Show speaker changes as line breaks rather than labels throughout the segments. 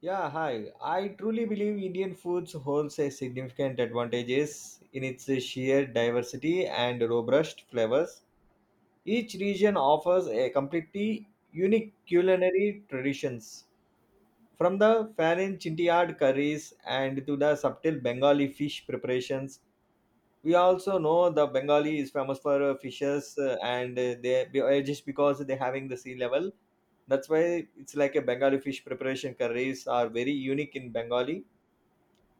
Yeah, hi. I truly believe Indian foods holds a significant advantages in its sheer diversity and robust flavors. Each region offers a completely unique culinary traditions, from the Farin Chintiad curries and to the subtle Bengali fish preparations. We also know the Bengali is famous for fishes, and just because they're having the sea level. That's why it's like a Bengali fish preparation curries are very unique in Bengali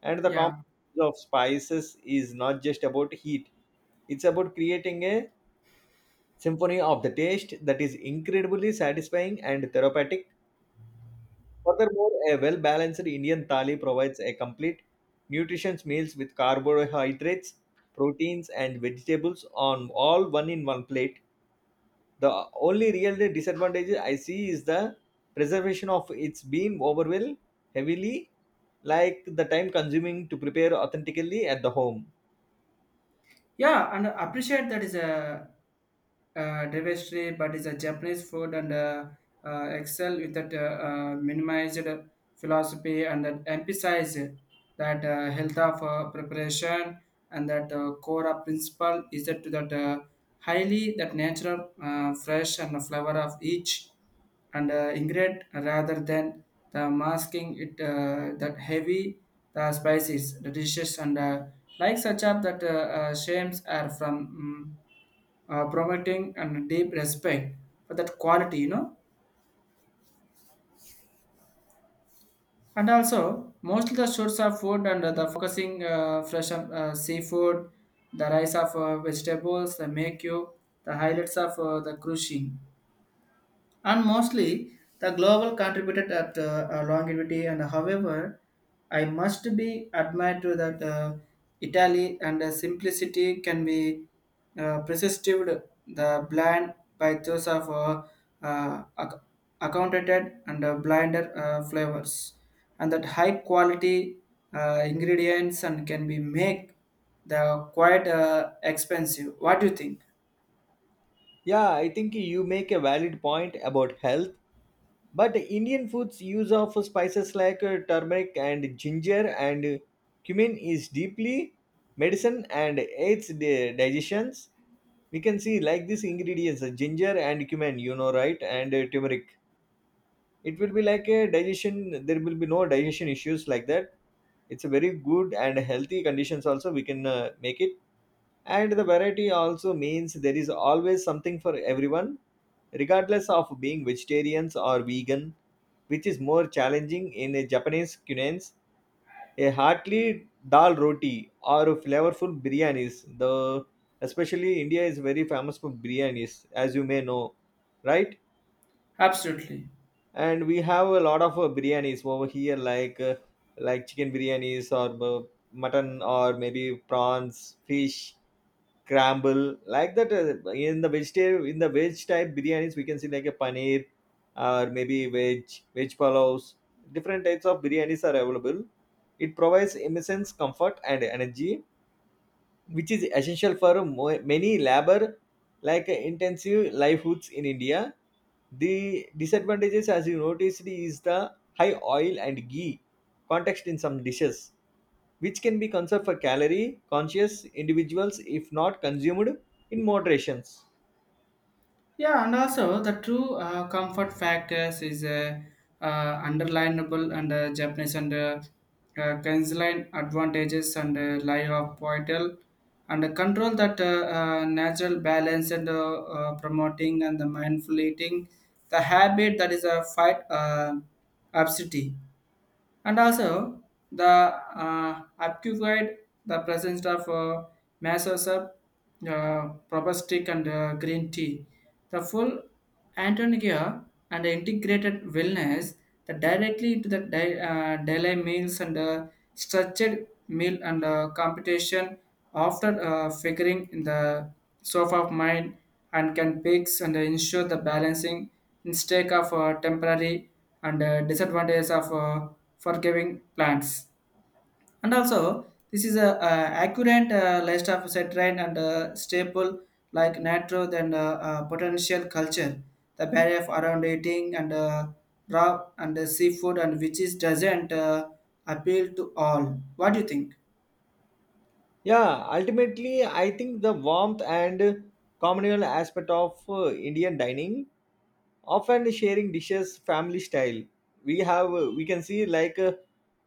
and the
Yeah,
combination of spices is not just about heat. It's about creating a symphony of the taste that is incredibly satisfying and therapeutic. Furthermore, a well balanced Indian thali provides a complete nutritious meals with carbohydrates, proteins and vegetables on all one in one plate. The only real disadvantage I see is the preservation of its being been overwhelmed heavily, like the time consuming to prepare authentically at the home.
yeah, and I appreciate that is a diversity, but it's a Japanese food and excel with that minimized philosophy and that emphasize that health of preparation and that core principle is that to that highly that natural fresh and flavor of each and ingredient rather than the masking it that heavy the spices the dishes and like such up that shames are from mm, promoting and deep respect for that quality you know. And also, most of the source of food and the focusing fresh seafood, the rice of vegetables, the make you, the highlights of the crushing and mostly the global contributed at longevity and however I must be admired to that Italy and simplicity can be persisted the blind by those of uh, ac- accounted and blinder flavors and that high quality ingredients and can be make the quite expensive. What do you think?
Yeah, I think you make a valid point about health, but Indian food's use of spices like turmeric and ginger and cumin is deeply medicine and aids the digestions. We can see like these ingredients, ginger and cumin, you know, right? And turmeric. It will be like a digestion. There will be no digestion issues like that. It's a very good and healthy conditions. Also, we can make it, and the variety also means there is always something for everyone, regardless of being vegetarians or vegan, which is more challenging in a Japanese cuisine. A hearty dal roti or flavorful biryanis. The especially India is very famous for biryanis, as you may know, right?
Absolutely.
And we have a lot of biryanis over here, like chicken biryanis or mutton or maybe prawns, fish crumble like that in the vegetarian, in the veg type biryanis we can see like a paneer or maybe veg palaus. Different types of biryanis are available. It provides immense comfort and energy which is essential for many labor, like intensive livelihoods in India. The disadvantages, as you noticed, is the high oil and ghee context in some dishes which can be conserved for calorie conscious individuals if not consumed in moderations.
Yeah, and also the true comfort factors is underlinable and Japanese and Kinsline advantages and lie of poetal and control that natural balance and promoting and the mindful eating the habit that is a fight obesity and also the occupied the presence of masses of uh, probostic and green tea. The full Antonia and integrated wellness that directly into the daily meals and structured meal and competition after figuring in the sofa of mind and can fix and ensure the balancing mistake of temporary and disadvantages of for giving plants. And also, this is a, accurate list of citrine and staple like natural and potential culture, the barrier of around eating and raw and seafood and which is doesn't appeal to all. What do you think?
Yeah. Ultimately, I think the warmth and communal aspect of Indian dining, often sharing dishes family style. We have we can see like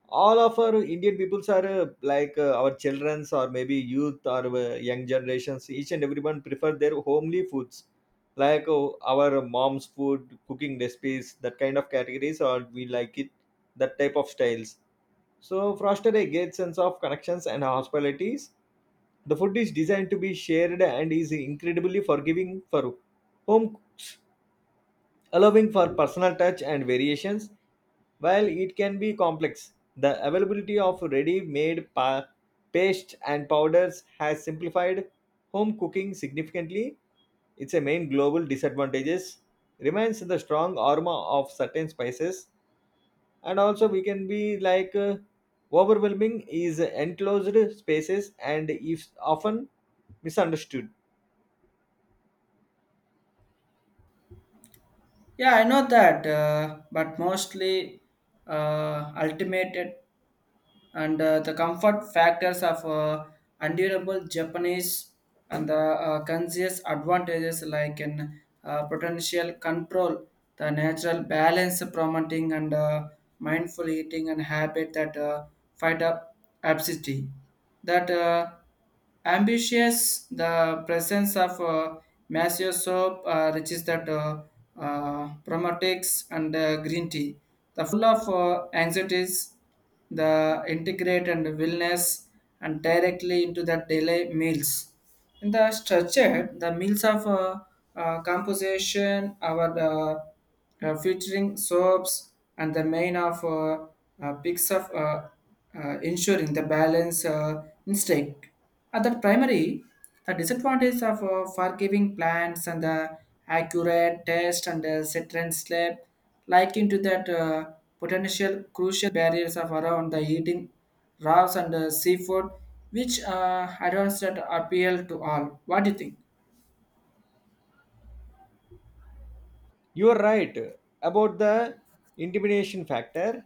all of our Indian peoples are like our children's or maybe youth or young generations, each and everyone prefer their homely foods, like our mom's food cooking recipes, that kind of categories or we like it, that type of styles. So foster a great sense of connections and hospitalities. The food is designed to be shared and is incredibly forgiving for home, allowing for personal touch and variations. While it can be complex, the availability of ready made paste and powders has simplified home cooking significantly. Its a main global disadvantages remains the strong aroma of certain spices, and also we can be like overwhelming is enclosed spaces and is often misunderstood.
Yeah, I know that, but mostly ultimate and the comfort factors of endurable Japanese and the conscious advantages like in potential control, the natural balance promoting and mindful eating and habit that fight up obesity. That ambitious the presence of massive soap which is that probiotics and green tea the full of anxieties the integrate and wellness and directly into the daily meals. In the structure, the meals of composition, our featuring soaps and the main of picks of ensuring the balance instinct. At the primary, the disadvantage of forgiving plants and the accurate test and set and slip like into that potential crucial barriers of around the eating raws and seafood which advanced appeal to all. What do you think?
You are right about the intimidation factor,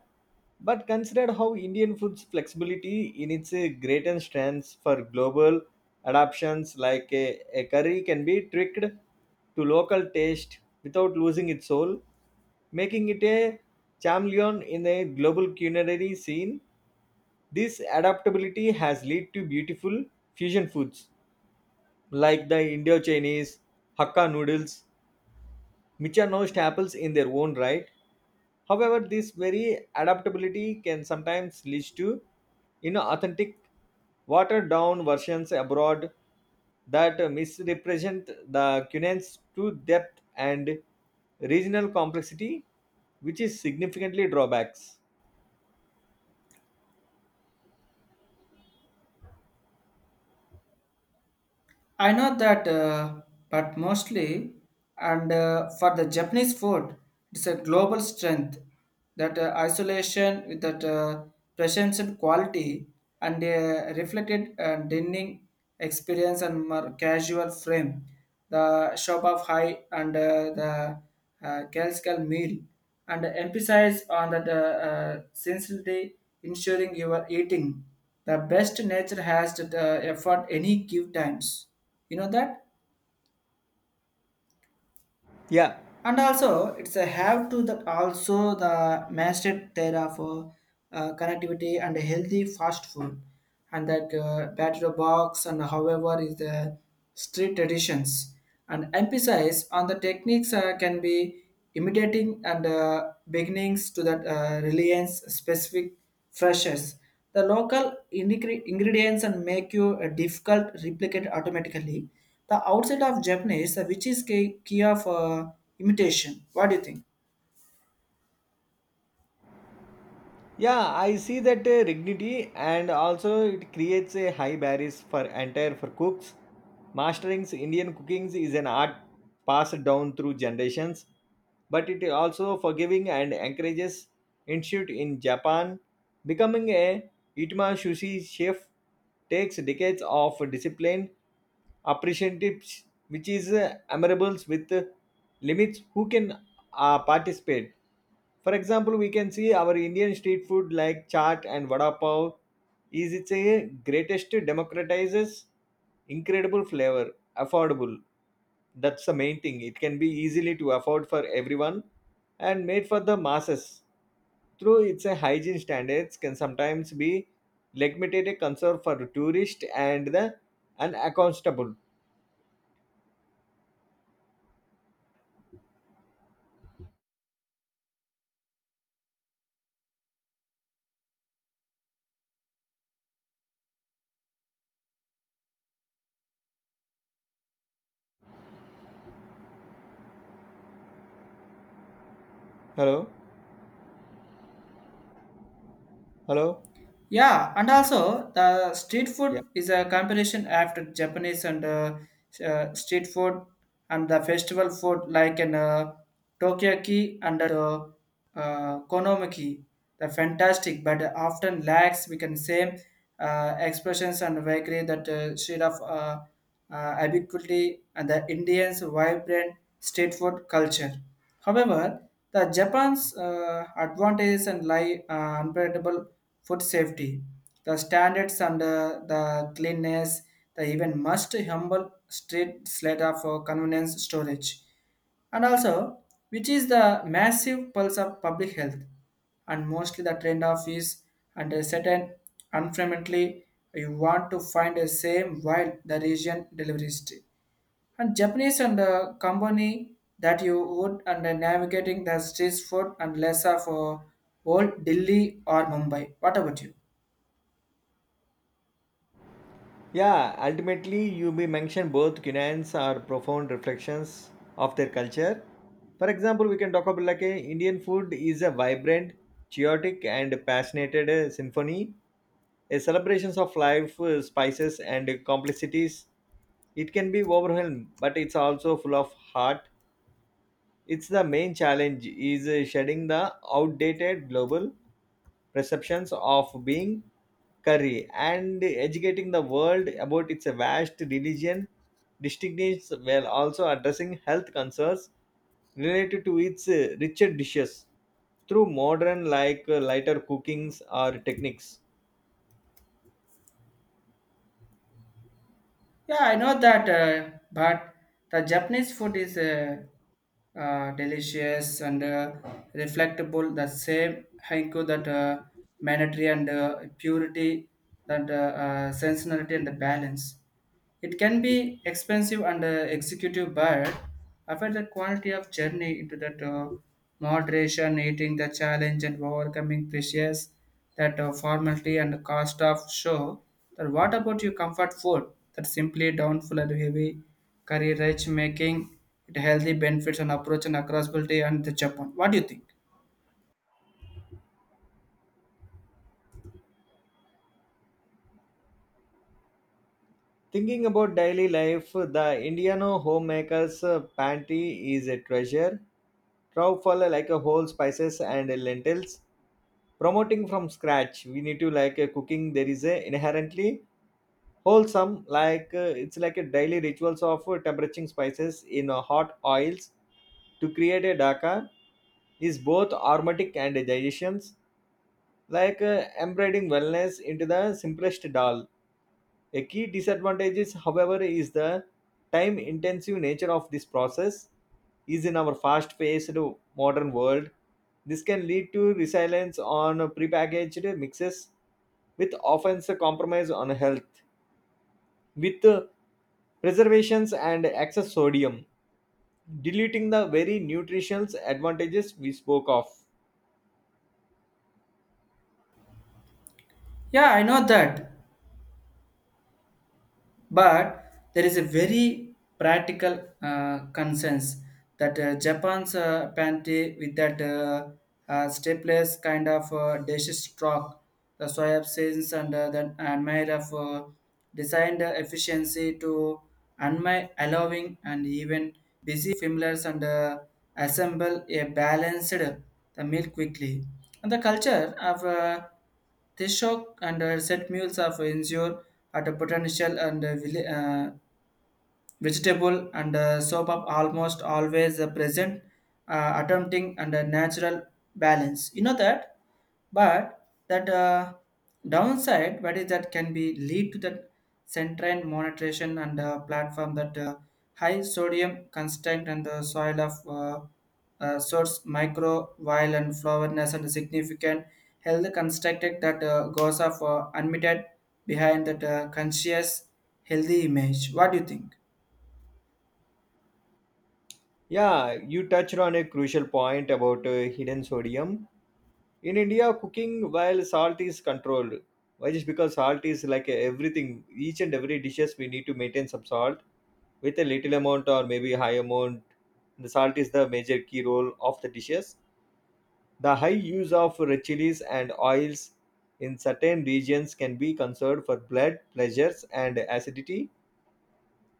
but consider how Indian food's flexibility in its greater strengths for global adaptations, like a curry can be tricked to local taste without losing its soul, making it a chameleon in a global culinary scene. This adaptability has led to beautiful fusion foods like the Indo-Chinese Hakka noodles which are now staples in their own right. However, this very adaptability can sometimes lead to inauthentic, watered down versions abroad that misrepresent the Cunan's true depth and regional complexity, which is significantly drawbacks.
I know that, but mostly, and for the Japanese food, it's a global strength. That isolation with that presence and quality, and reflected dining experience and more casual frame. The shop of high and the classical meal, and emphasize on that sincerity, ensuring you are eating the best nature has that effort any give times, you know that.
Yeah,
And also it's a have to that also the mastered there for connectivity and a healthy fast food and that battery box and however is the street traditions and emphasize on the techniques can be imitating and beginnings to that reliance specific freshers the local ingredients and make you difficult replicate automatically. The outside of Japanese, which is key, key of imitation. What do you think?
yeah, I see that dignity, and also it creates a high barriers for entire for cooks. Mastering Indian cooking is an art passed down through generations, but it also forgiving and encourages institute in Japan. Becoming a Itma sushi chef takes decades of discipline, appreciative, which is admirable with limits who can participate. For example, we can see our Indian street food like chaat and vada pav is its a greatest democratizes incredible flavor, affordable. That's the main thing. It can be easily to afford for everyone and made for the masses. Through its a hygiene standards can sometimes be limited a concern for tourist and the unaccountable. Hello, hello.
Yeah, and also the street
Yeah.
food is a comparison after Japanese and street food and the festival food like in Tokyoki and Konomiki. The fantastic, but often lacks we can say expressions and vagary that shade of ubiquity and the Indians' vibrant street food culture. However, the Japan's advantages and lie unpredictable food safety, the standards and the cleanness, the even must humble street slater for convenience storage, and also which is the massive pulse of public health, and mostly the trend of is and a certain unfrequently you want to find a same while the region delivery and Japanese and company that you would and navigating the street food and lesser for old Delhi or Mumbai. What about you?
Yeah, ultimately, you may mention both Cunans are profound reflections of their culture. For example, we can talk about like a Indian food is a vibrant, chaotic, and passionate symphony, a celebrations of life, spices, and complexities. It can be overwhelmed, but it's also full of heart. It's the main challenge is shedding the outdated global perceptions of being curry and educating the world about its vast religion distinctions, while also addressing health concerns related to its richer dishes through modern like lighter cookings or techniques.
Yeah, I know that, but the Japanese food is delicious and reflectable. The same haiku that humanity and purity, that sensuality and the balance. It can be expensive and executive, but after the quality of journey into that moderation, eating the challenge and overcoming pressures, that formality and the cost of show, then what about your comfort food? That simply downful and heavy, curry rich making, it healthy benefits and approach and accessibility and the Japan. What do you think?
Thinking about daily life, the indiano homemakers pantry is a treasure trove for like a whole spices and lentils, promoting from scratch. We need to like a cooking there is a inherently wholesome, like it's like a daily rituals of temperatures spices in hot oils to create a daka, is both aromatic and digestions, like embedding wellness into the simplest dal. A key disadvantage is, however, is the time intensive nature of this process is in our fast paced modern world. This can lead to reliance on prepackaged mixes with often a compromise on health, with preservations and excess sodium, deleting the very nutritional advantages we spoke of.
Yeah, I know that. But there is a very practical concerns that Japan's pantry with that stateless kind of dish stock, the soy absence and then admire of designed efficiency to unmi allowing and even busy familiars and assemble a balanced the meal quickly. And the culture of Tishok and set meals of ensure at a potential and vegetable and soap up almost always present attempting and a natural balance, you know that. But that downside what is that can be lead to that central monetization and platform that high sodium constant and the soil of source micro vile and flowerness and significant health constructed that goes of unmitted behind that conscious healthy image. What do you think?
Yeah, you touched on a crucial point about hidden sodium. In India, cooking while salt is controlled. Why? Just because salt is like everything, each and every dishes we need to maintain some salt with a little amount or maybe high amount. The salt is the major key role of the dishes. The high use of red chilies and oils in certain regions can be conserved for blood pleasures and acidity,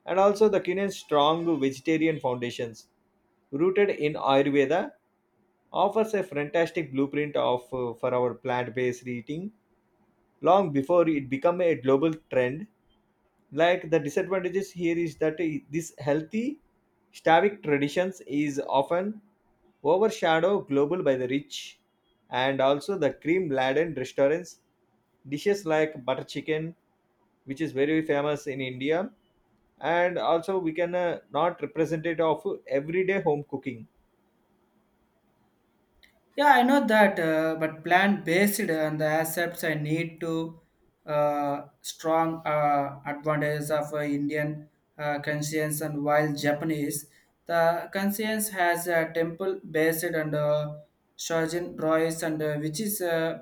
and also the Cunan's strong vegetarian foundations, rooted in Ayurveda, offers a fantastic blueprint of for our plant-based eating long before it became a global trend. Like the disadvantages here is that this healthy slavic traditions is often overshadowed global by the rich, and also the cream laden restaurants dishes like butter chicken, which is very famous in India, and also we can not represent it of everyday home cooking.
Yeah, I know that, but plant-based and the accepts I need to strong advantages of Indian conscience and while Japanese, the conscience has a temple-based and Shojin rice and which is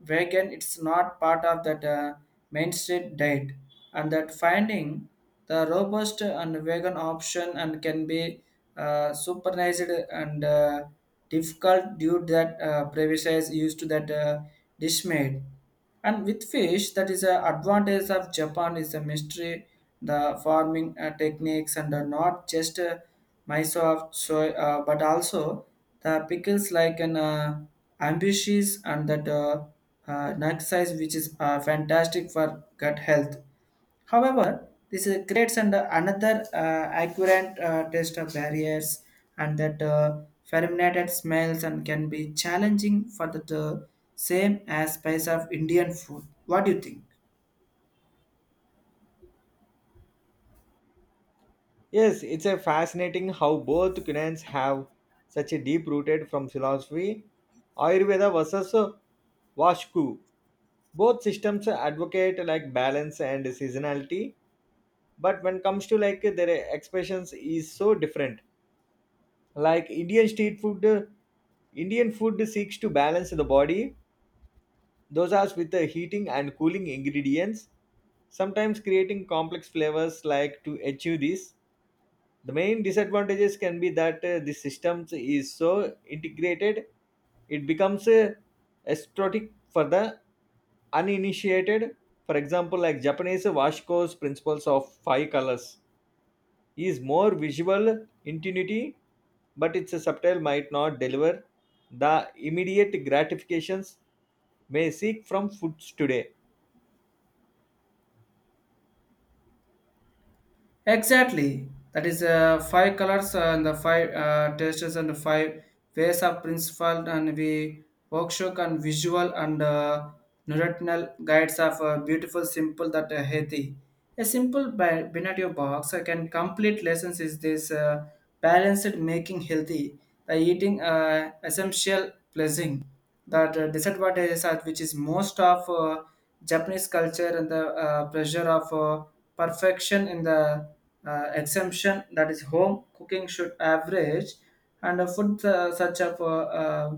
vegan. It's not part of that mainstream diet, and that finding the robust and vegan option and can be supervised and. Difficult due to that previous used to that dish made. And with fish, that is an advantage of Japan is the mystery, the farming techniques, and are not just miso of soy, but also the pickles like an ambitious and that nut size, which is fantastic for gut health. However, this creates an, another accurate test of barriers and that fermented smells and can be challenging for the uh, same as spice of Indian food. What do you think?
Yes, it's a fascinating how both cuisines have such a deep rooted from philosophy, Ayurveda versus Vashku. Both systems advocate like balance and seasonality, but when comes to like their expressions is so different. Like Indian street food, Indian food seeks to balance the body, those are with the heating and cooling ingredients, sometimes creating complex flavors like to achieve this. The main disadvantages can be that the systems is so integrated, it becomes aesthetic for the uninitiated. For example, like Japanese washko's principles of five colors is more visual intuitive, but its subtle might not deliver the immediate gratifications may seek from foods today.
Exactly. That is five colors and the five tastes and the five ways of principle and we workshop and visual and neurotinal guides of a beautiful simple that healthy. A simple binario box I can complete lessons is this balanced making healthy the eating essential pleasing that disadvantages are which is most of Japanese culture and the pressure of perfection in the exemption that is home cooking should average and a food such as uh,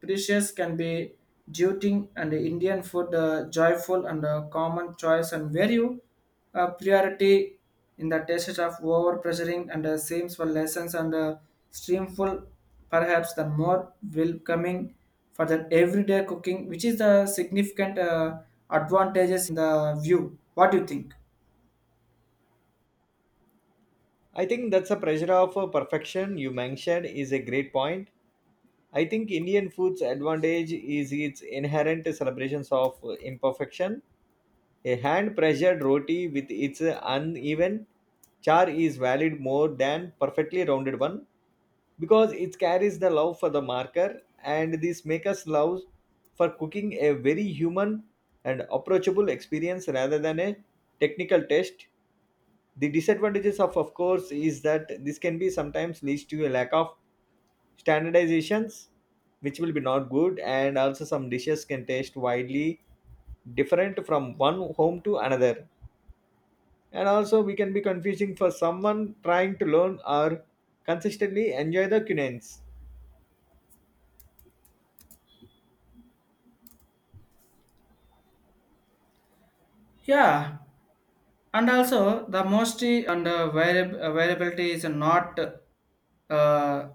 precious can be duty and Indian food joyful and common choice and value priority in the tastes of over pressuring and seems for lessons and streamful perhaps the more welcoming for the everyday cooking which is the significant advantages in the view. What do you think?
I think that's a pressure of perfection you mentioned is a great point. I think Indian food's advantage is its inherent celebrations of imperfection. A hand pressured roti with its uneven char is valid more than perfectly rounded one, because it carries the love for the marker, and this makes us love for cooking, a very human and approachable experience rather than a technical test. The disadvantages, of course, is that this can be sometimes leads to a lack of standardizations, which will be not good, and also some dishes can taste widely different from one home to another, and also we can be confusing for someone trying to learn or consistently enjoy the cuisines.
Yeah, and also the most and variability is not uh,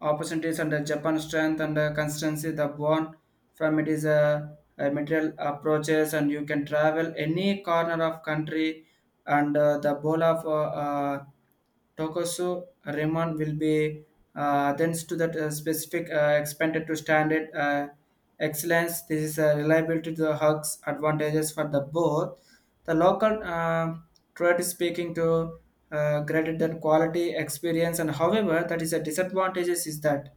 opportunities and the Japan strength and consistency the born from it is a material approaches and you can travel any corner of country and the bowl of uh, Tokoso Raymond will be then to that specific expanded to standard excellence. This is a reliability to the hugs advantages for the both. The local trade is speaking to greater than quality experience, and however, that is a disadvantages is that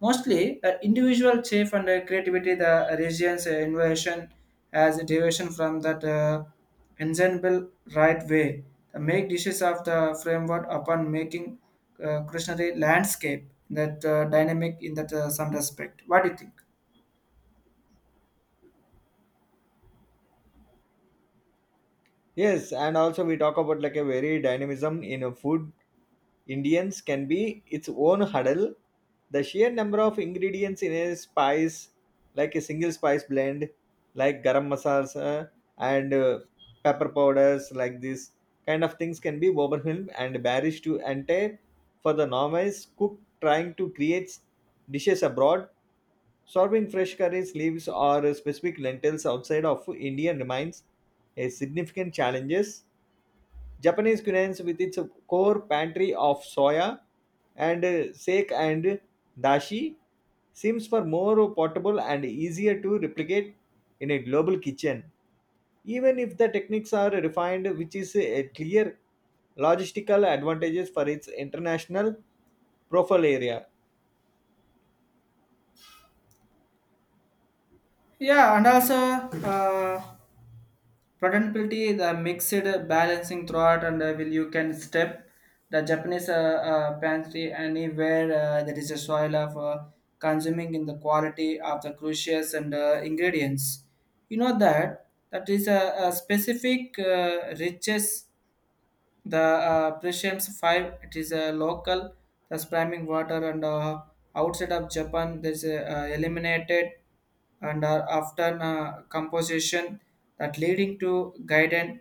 mostly, individual chief and creativity, the region's innovation as a deviation from that ensemble right way. The make dishes of the framework upon making culinary landscape that dynamic in that some respect. What do you think?
Yes, and also we talk about like a very dynamism in a food, Indians can be its own huddle. The sheer number of ingredients in a spice, like a single spice blend, like garam masals and pepper powders, like this kind of things can be overwhelmed and bearish to enter for the novice cook trying to create dishes abroad. Serving fresh curries, leaves, or specific lentils outside of Indian remains a significant challenges. Japanese cuisine, with its core pantry of soya and sake and dashi seems for more portable and easier to replicate in a global kitchen, even if the techniques are refined, which is a clear logistical advantages for its international profile area.
Yeah, and also. Uh, Patentability, the mixed balancing throughout, and will you can step the Japanese pantry anywhere that is a soil of consuming in the quality of the crucials and ingredients. You know that that is a specific riches the Prussians five, it is a local, the spamming water and outside of Japan, there's a, eliminated and are often composition that leading to guided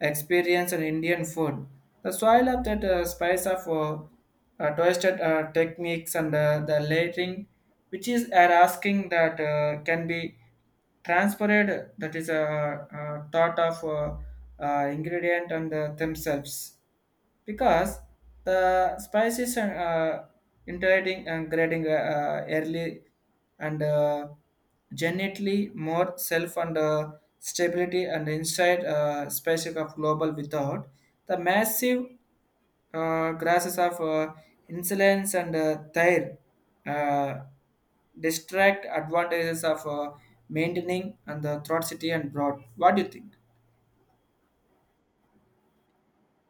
experience in Indian food. The soil of that spice of twisted techniques and the layering, which is are asking that can be transferred, that is a thought of ingredient and themselves because the spices and integrating and grading early and genetically more self and stability and inside species of global without the massive grasses of insolence and thyre uh, distract advantages of maintaining and the throat city and broad. What do you think?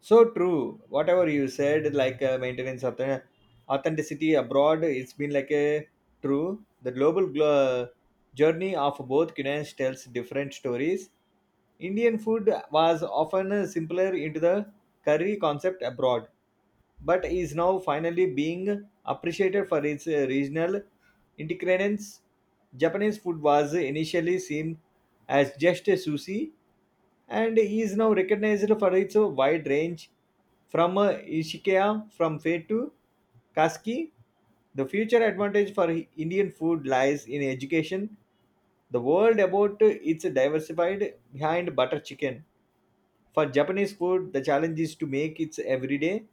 So true. Whatever you said, like maintenance of the authenticity abroad, it's been like a true. The journey of both cuisines tells different stories. Indian food was often simpler into the curry concept abroad, but is now finally being appreciated for its regional integrations. Japanese food was initially seen as just a sushi, and he is now recognized for its wide range from Ishikaya from Fate to Kaski. The future advantage for Indian food lies in education. The world about its diversified behind butter chicken. For Japanese food, the challenge is to make its everyday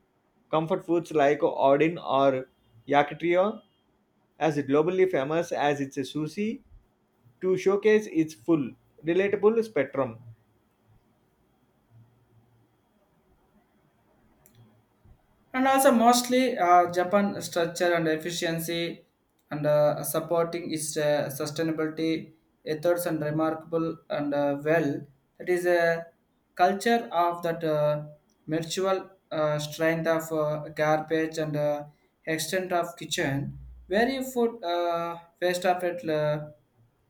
comfort foods like odin or yakitori as globally famous as its sushi, to showcase its full relatable spectrum.
And also mostly Japan structure and efficiency and supporting its sustainability efforts and remarkable and well that is a culture of that mutual strength of garbage and extent of kitchen where you put waste of it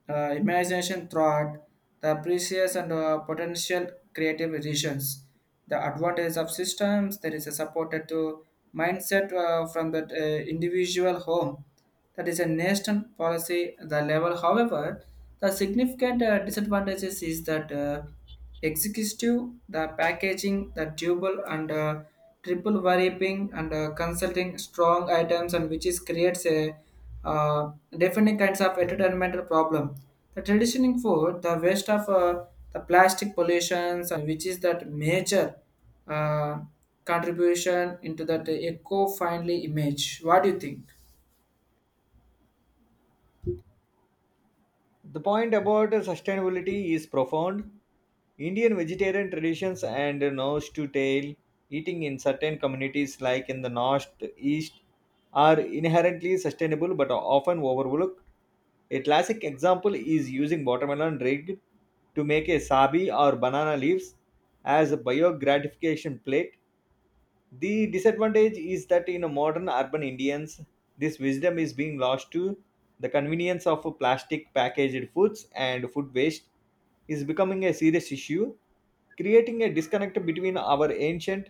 imagination throughout the precious and potential creative visions. The advantage of systems that is a supported to mindset from the individual home. That is a national policy the level. However, the significant disadvantages is that executive, the packaging, the double and triple variable and consulting strong items and which is creates a uh, definite kinds of entertainmental problem the traditional food, the waste of the plastic pollutions, and which is that major uh, contribution into that eco-friendly image. What do you think?
The point about sustainability is profound. Indian vegetarian traditions and nose to tail eating in certain communities, like in the north east, are inherently sustainable but are often overlooked. A classic example is using watermelon rind to make a sabi, or banana leaves as a biogratification plate. The disadvantage is that in modern urban Indians, this wisdom is being lost to the convenience of plastic packaged foods, and food waste is becoming a serious issue, creating a disconnect between our ancient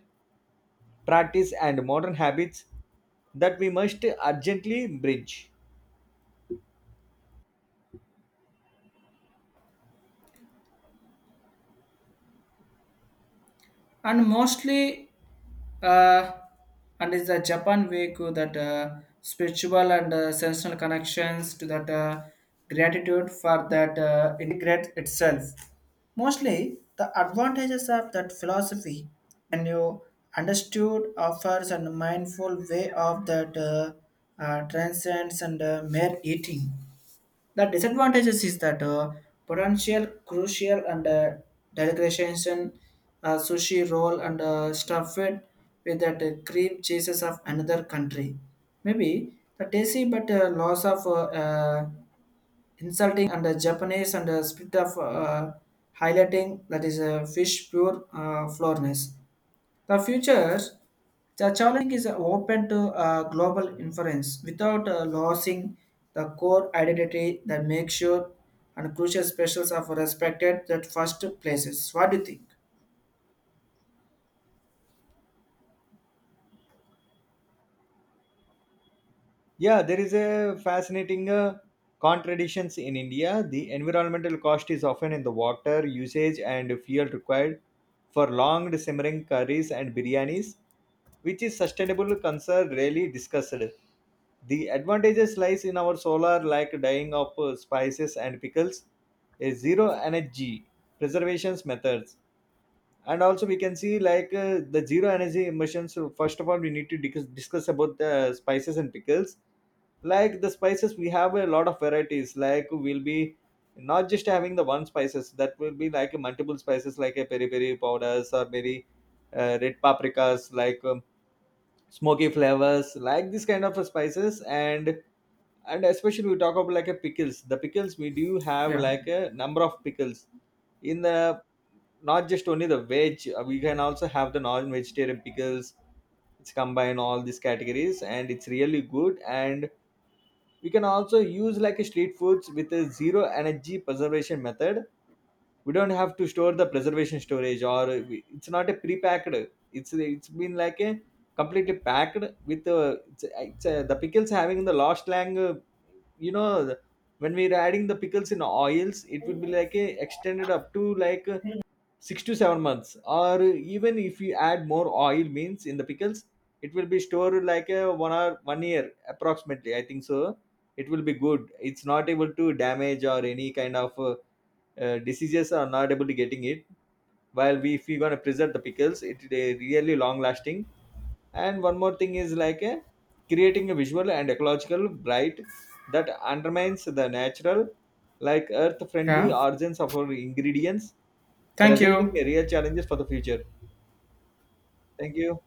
practice and modern habits that we must urgently bridge.
And mostly uh, and is the Japan way to that spiritual and sensational connections to that gratitude for that integrate itself mostly the advantages of that philosophy when you understood offers and mindful way of that transcends and mere eating the disadvantages is that potential crucial and delicatessen sushi roll and stuff it with that cream cheeses of another country. Maybe the tasty but loss of uh, insulting and Japanese and split of highlighting that is fish pure flourness. The future, the challenge is open to global inference without losing the core identity that makes sure and crucial specials are respected at first places. What do you think?
Yeah, there is a fascinating contradictions in India. The environmental cost is often in the water usage and fuel required for long simmering curries and biryanis, which is sustainable concern rarely discussed. The advantages lies in our solar like dyeing of spices and pickles, a zero energy preservations methods, and also we can see like the zero energy emissions. So first of all, we need to discuss about the spices and pickles. Like the spices, we have a lot of varieties, like we'll be not just having the one spices, that will be like multiple spices like a peri peri powders, or very red paprikas, like smoky flavors, like this kind of spices. And especially we talk about like a pickles, the pickles we do have
Yeah.
like a number of pickles in the not just only the veg, we can also have the non-vegetarian pickles. It's combine all these categories and it's really good, and we can also use like a street foods with a zero energy preservation method. We don't have to store the preservation storage, or we, it's not a pre-packed, it's been like a completely packed with the pickles having the last lang you know when we're adding the pickles in oils, it would be like a extended up to like 6 to 7 months, or even if you add more oil means in the pickles, it will be stored like a one year approximately, I think so. It will be good, it's not able to damage or any kind of diseases are not able to getting it. While we, if we're going to preserve the pickles, it they really long lasting. And one more thing is like a creating a visual and ecological bright that undermines the natural like earth friendly
Yeah.
origins of our ingredients,
Thank
presenting
you.
a real challenges for the future. Thank you.